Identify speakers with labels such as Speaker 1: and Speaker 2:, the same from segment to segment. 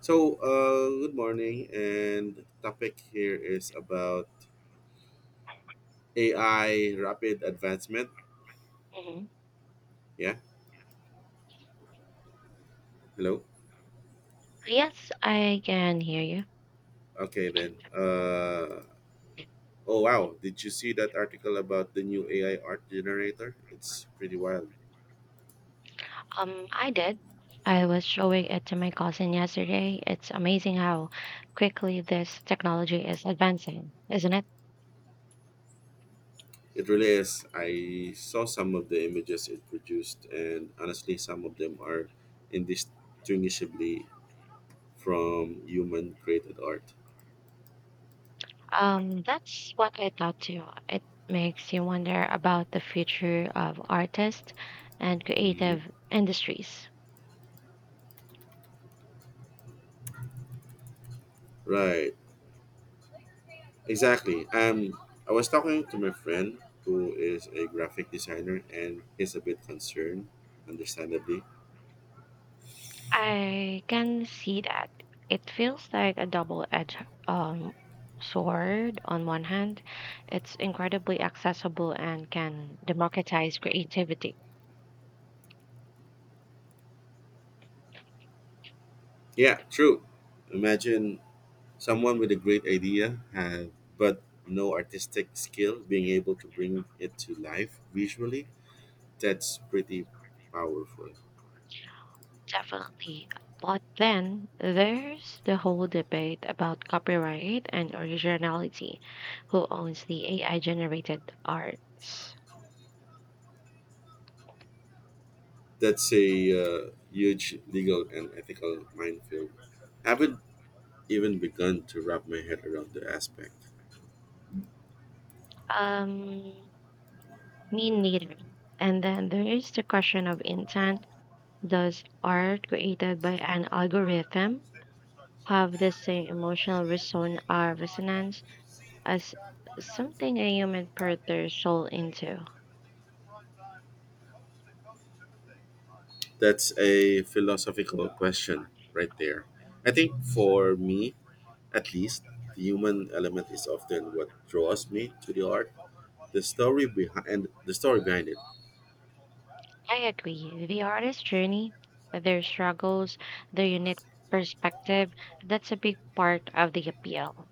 Speaker 1: So, good morning, and topic here is about AI rapid advancement.
Speaker 2: Mhm.
Speaker 1: Yeah, hello.
Speaker 2: Yes, I can hear you.
Speaker 1: Okay, then. Oh wow, did you see that article about the new AI art generator? It's pretty wild.
Speaker 2: I did. I was showing it to my cousin yesterday. It's amazing how quickly this technology is advancing, isn't it?
Speaker 1: It really is. I saw some of the images it produced, and honestly, some of them are indistinguishably from human created art.
Speaker 2: That's what I thought too. It makes you wonder about the future of artists and
Speaker 1: Mhm.
Speaker 2: creative industries.
Speaker 1: Right. Exactly. I was talking to my friend who is a graphic designer and he's a bit concerned, understandably.
Speaker 2: I can see that. It feels like a double-edged um, sword. On one hand, it's incredibly accessible and can democratize creativity.
Speaker 1: Yeah, true. Imagine someone with a great idea have, but no artistic skill being able to bring it to life visually. That's pretty powerful.
Speaker 2: Definitely. But then there's the whole debate about copyright and originality. Who owns the AI generated arts?
Speaker 1: That's a huge legal and ethical minefield. I haven't even begun to wrap my head around the aspect.
Speaker 2: Um, Me neither. And then there is the question of intent. Does art created by an algorithm have the same emotional resonance as something a human poured their soul into?
Speaker 1: That's a philosophical question right there. I think for me, at least, the human element is often what draws me to the art, the story behind it.
Speaker 2: I agree. The artist's journey, their struggles, their unique perspective, that's a big part of the appeal.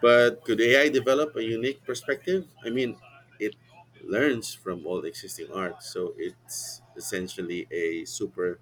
Speaker 1: But could AI develop a unique perspective? I mean, it learns from all existing art, so it's essentially a super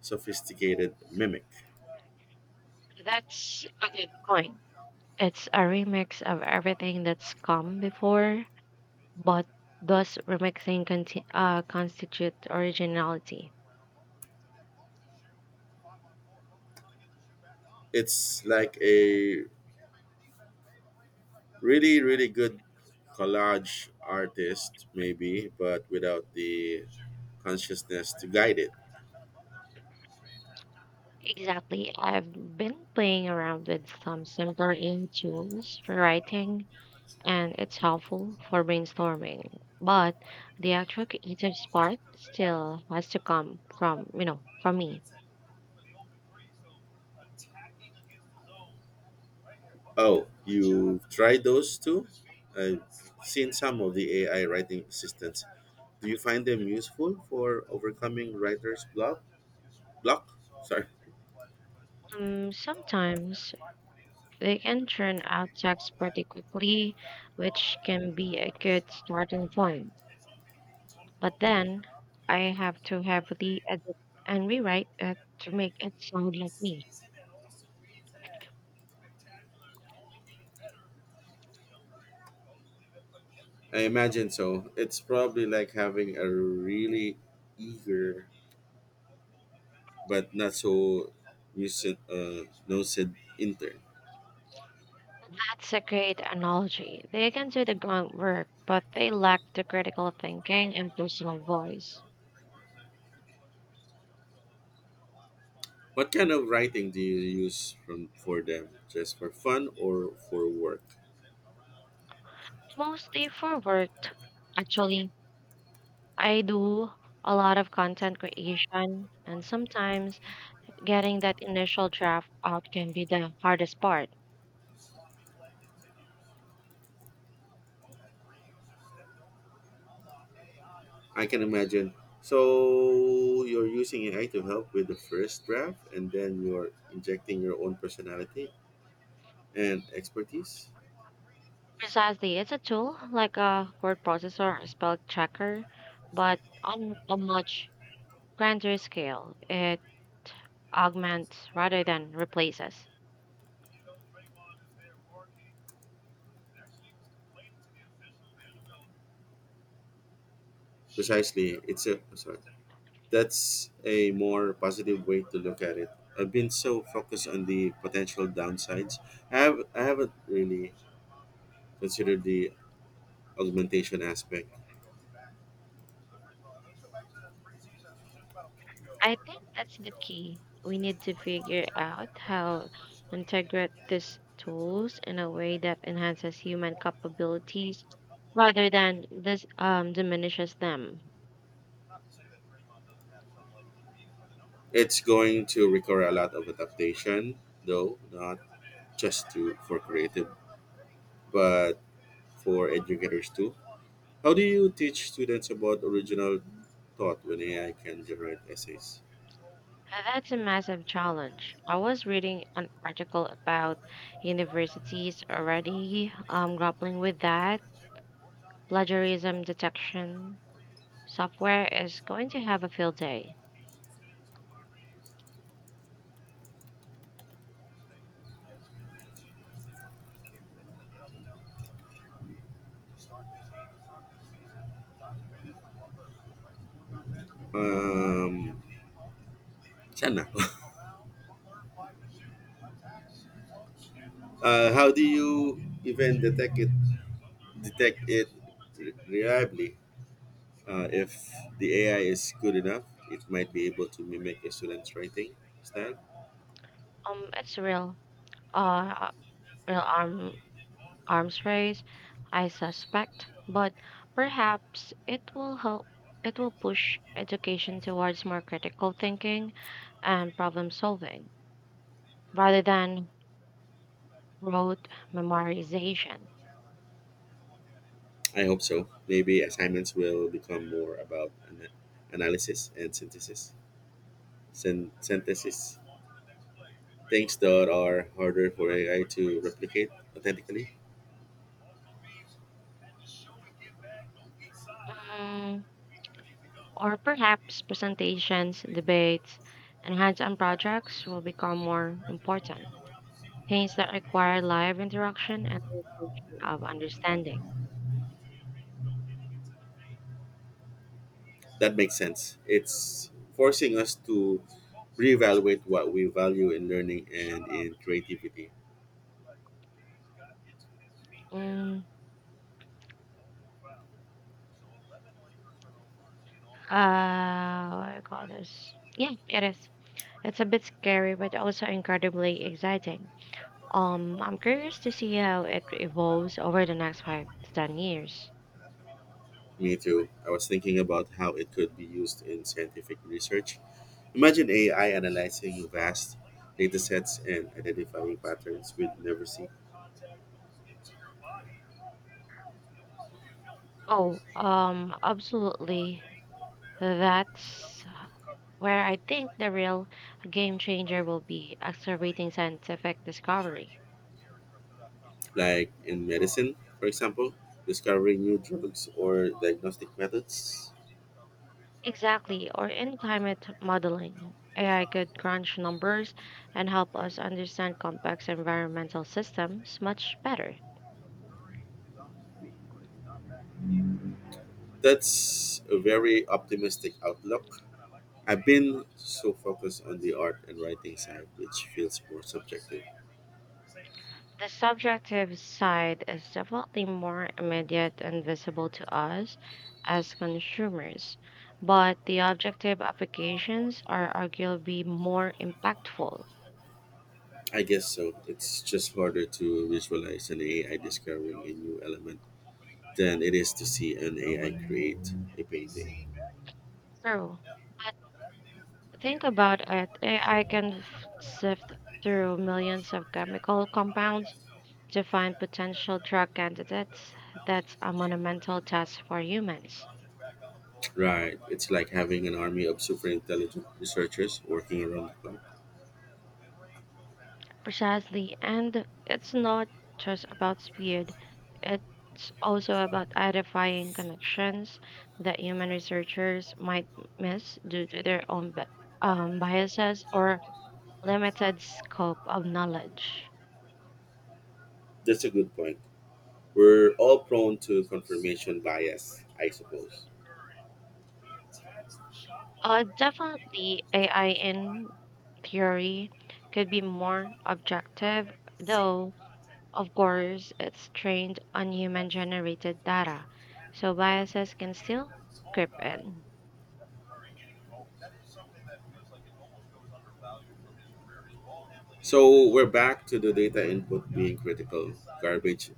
Speaker 1: sophisticated mimic.
Speaker 2: That's a good point. It's a remix of everything that's come before. But does remixing constitute originality?
Speaker 1: It's like a really good collage artist maybe, but without the consciousness to guide it.
Speaker 2: Exactly. I've been playing around with some simpler in tools for writing, and it's helpful for brainstorming. But the actual creative spark still has to come from, from me.
Speaker 1: Oh, you tried those too? I've seen some of the AI writing assistants. Do you find them useful for overcoming writer's block? Sorry.
Speaker 2: Sometimes they can churn out text pretty quickly, which can be a good starting point. But then I have to heavily edit and rewrite it to make it sound like me.
Speaker 1: I imagine so. It's probably like having a really eager but not so lucid intern.
Speaker 2: That's a great analogy. They can do the groundwork, but they lack the critical thinking and personal voice.
Speaker 1: What kind of writing do you use from for them? Just for fun or for work?
Speaker 2: Mostly for work, actually. I do a lot of content creation, and sometimes getting that initial draft out can be the hardest part.
Speaker 1: I can imagine. So you're using AI to help with the first draft, and then you're injecting your own personality and expertise.
Speaker 2: Precisely, it's a tool like a word processor or spell checker, but on a much grander scale. It augments rather than replaces.
Speaker 1: Precisely, it's a sorry. That's a more positive way to look at it. I've been so focused on the potential downsides. I haven't really considered the augmentation aspect.
Speaker 2: I think that's the key. We need to figure out how integrate these tools in a way that enhances human capabilities rather than this diminishes them.
Speaker 1: It's going to require a lot of adaptation, though not just to for creative, but for educators too. How do you teach students about original thought when AI can generate essays?
Speaker 2: That's a massive challenge. I was reading an article about universities already grappling with that. Plagiarism detection software is going to have a field day.
Speaker 1: Um, Siya na. How do you even detect it reliably? If the AI is good enough, it might be able to mimic a student's writing style.
Speaker 2: It's uh, real arms race, I suspect, but perhaps it will help. It will push education towards more critical thinking and problem solving rather than rote memorization.
Speaker 1: I hope so. Maybe assignments will become more about analysis and synthesis. Synthesis. Things that are harder for AI to replicate authentically.
Speaker 2: Mm, or perhaps presentations, debates, and hands on projects will become more important. Things that require live interaction and demonstration of understanding.
Speaker 1: That makes sense. It's forcing us to reevaluate what we value in learning and in creativity.
Speaker 2: Mm, what do you call this? Yeah, it is. It's a bit scary, but also incredibly exciting. I'm curious to see how it evolves over the next 5 to 10 years.
Speaker 1: Me too. I was thinking about how it could be used in scientific research. Imagine AI analyzing vast data sets and identifying patterns we'd never see,
Speaker 2: Oh, absolutely. That's where I think the real game changer will be accelerating scientific discovery.
Speaker 1: like in medicine, for example, discovering new drugs or diagnostic methods.
Speaker 2: Exactly, or in climate modeling. AI could crunch numbers and help us understand complex environmental systems much better.
Speaker 1: That's a very optimistic outlook. I've been so focused on the art and writing side, which feels more subjective.
Speaker 2: The subjective side is definitely more immediate and visible to us as consumers, but the objective applications are arguably more impactful.
Speaker 1: I guess so. It's just harder to visualize an AI discovering a new element than it is to see an AI create a painting.
Speaker 2: True. But think about it, AI can sift through millions of chemical compounds to find potential drug candidates. That's a monumental task for humans.
Speaker 1: Right. It's like having an army of super intelligent researchers working around the clock.
Speaker 2: Precisely. And it's not just about speed, it's also about identifying connections that human researchers might miss due to their own biases or limited scope of knowledge.
Speaker 1: That's a good point. We're all prone to confirmation bias, I suppose.
Speaker 2: Definitely, AI in theory could be more objective, though, of course, it's trained on human generated data, so biases can still creep in.
Speaker 1: So we're back to the data input being critical. Garbage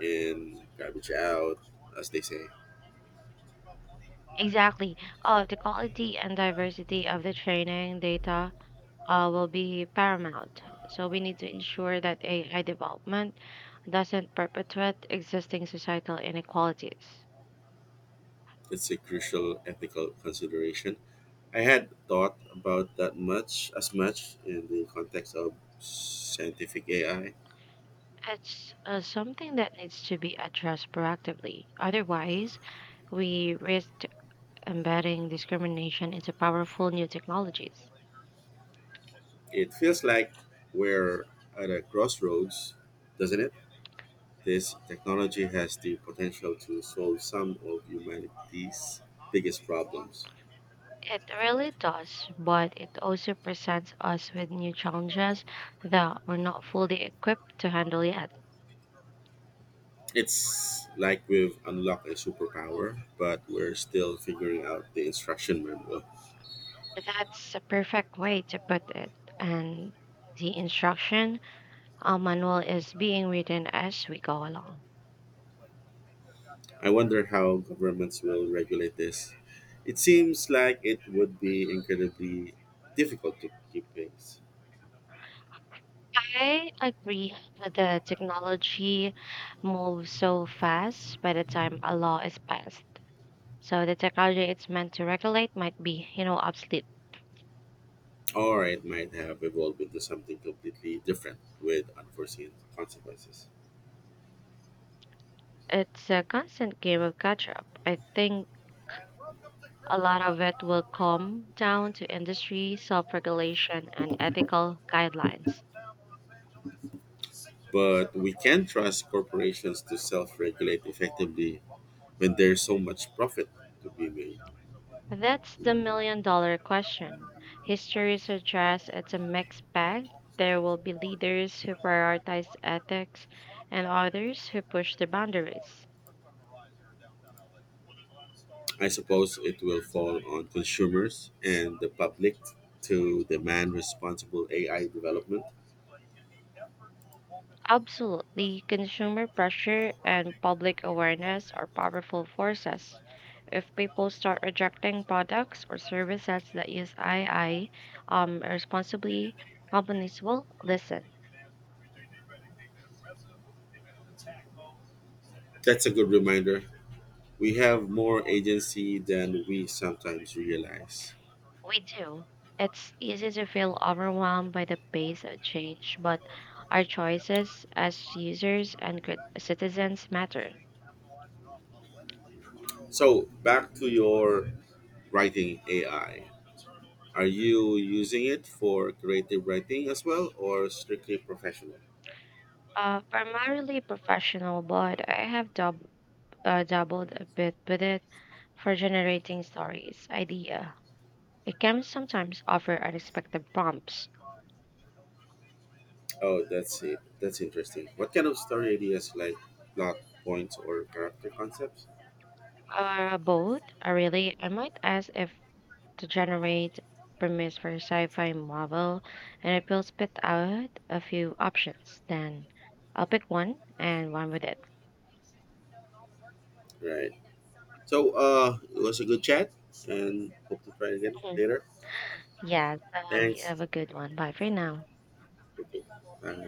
Speaker 1: in, garbage out, as they say.
Speaker 2: Exactly. The quality and diversity of the training data will be paramount. So we need to ensure that AI development doesn't perpetuate existing societal inequalities.
Speaker 1: It's a crucial ethical consideration. I had thought about that much in the context of scientific AI.
Speaker 2: It's something that needs to be addressed proactively. Otherwise, we risk embedding discrimination into powerful new technologies.
Speaker 1: It feels like we're at a crossroads, doesn't it? This technology has the potential to solve some of humanity's biggest problems.
Speaker 2: It really does, but it also presents us with new challenges that we're not fully equipped to handle yet.
Speaker 1: It's like we've unlocked a superpower, but we're still figuring out the instruction manual.
Speaker 2: That's a perfect way to put it. And the instruction manual is being written as we go along.
Speaker 1: I wonder how governments will regulate this. It seems like it would be incredibly difficult to keep pace.
Speaker 2: I agree that the technology moves so fast by the time a law is passed. So the technology it's meant to regulate might be, obsolete.
Speaker 1: Or it might have evolved into something completely different with unforeseen consequences.
Speaker 2: It's a constant game of catch up. I think a lot of it will come down to industry self regulation and ethical guidelines.
Speaker 1: But we can trust corporations to self regulate effectively when there's so much profit to be made.
Speaker 2: That's the million-dollar question. History suggests it's a mixed bag. There will be leaders who prioritize ethics and others who push the boundaries.
Speaker 1: I suppose it will fall on consumers and the public to demand responsible AI development.
Speaker 2: Absolutely, consumer pressure and public awareness are powerful forces. If people start rejecting products or services that use AI responsibly, companies will listen.
Speaker 1: That's a good reminder. We have more agency than we sometimes realize.
Speaker 2: We do. It's easy to feel overwhelmed by the pace of change, but our choices as users and citizens matter.
Speaker 1: So, back to your writing AI. Are you using it for creative writing as well or strictly professional?
Speaker 2: Primarily professional, but I have doubled a bit with it for generating stories, idea. It can sometimes offer unexpected prompts.
Speaker 1: Oh, that's it. That's interesting. What kind of story ideas like plot points or character concepts?
Speaker 2: Both, really. I might ask if to generate premise for sci-fi novel, and it will spit out a few options. Then I'll pick one and one with it.
Speaker 1: Right. So, it was a good chat, and hope to try again
Speaker 2: Mhm.
Speaker 1: later.
Speaker 2: Yeah, so you have
Speaker 1: Thanks.
Speaker 2: a good one. Bye for now.
Speaker 1: Okay.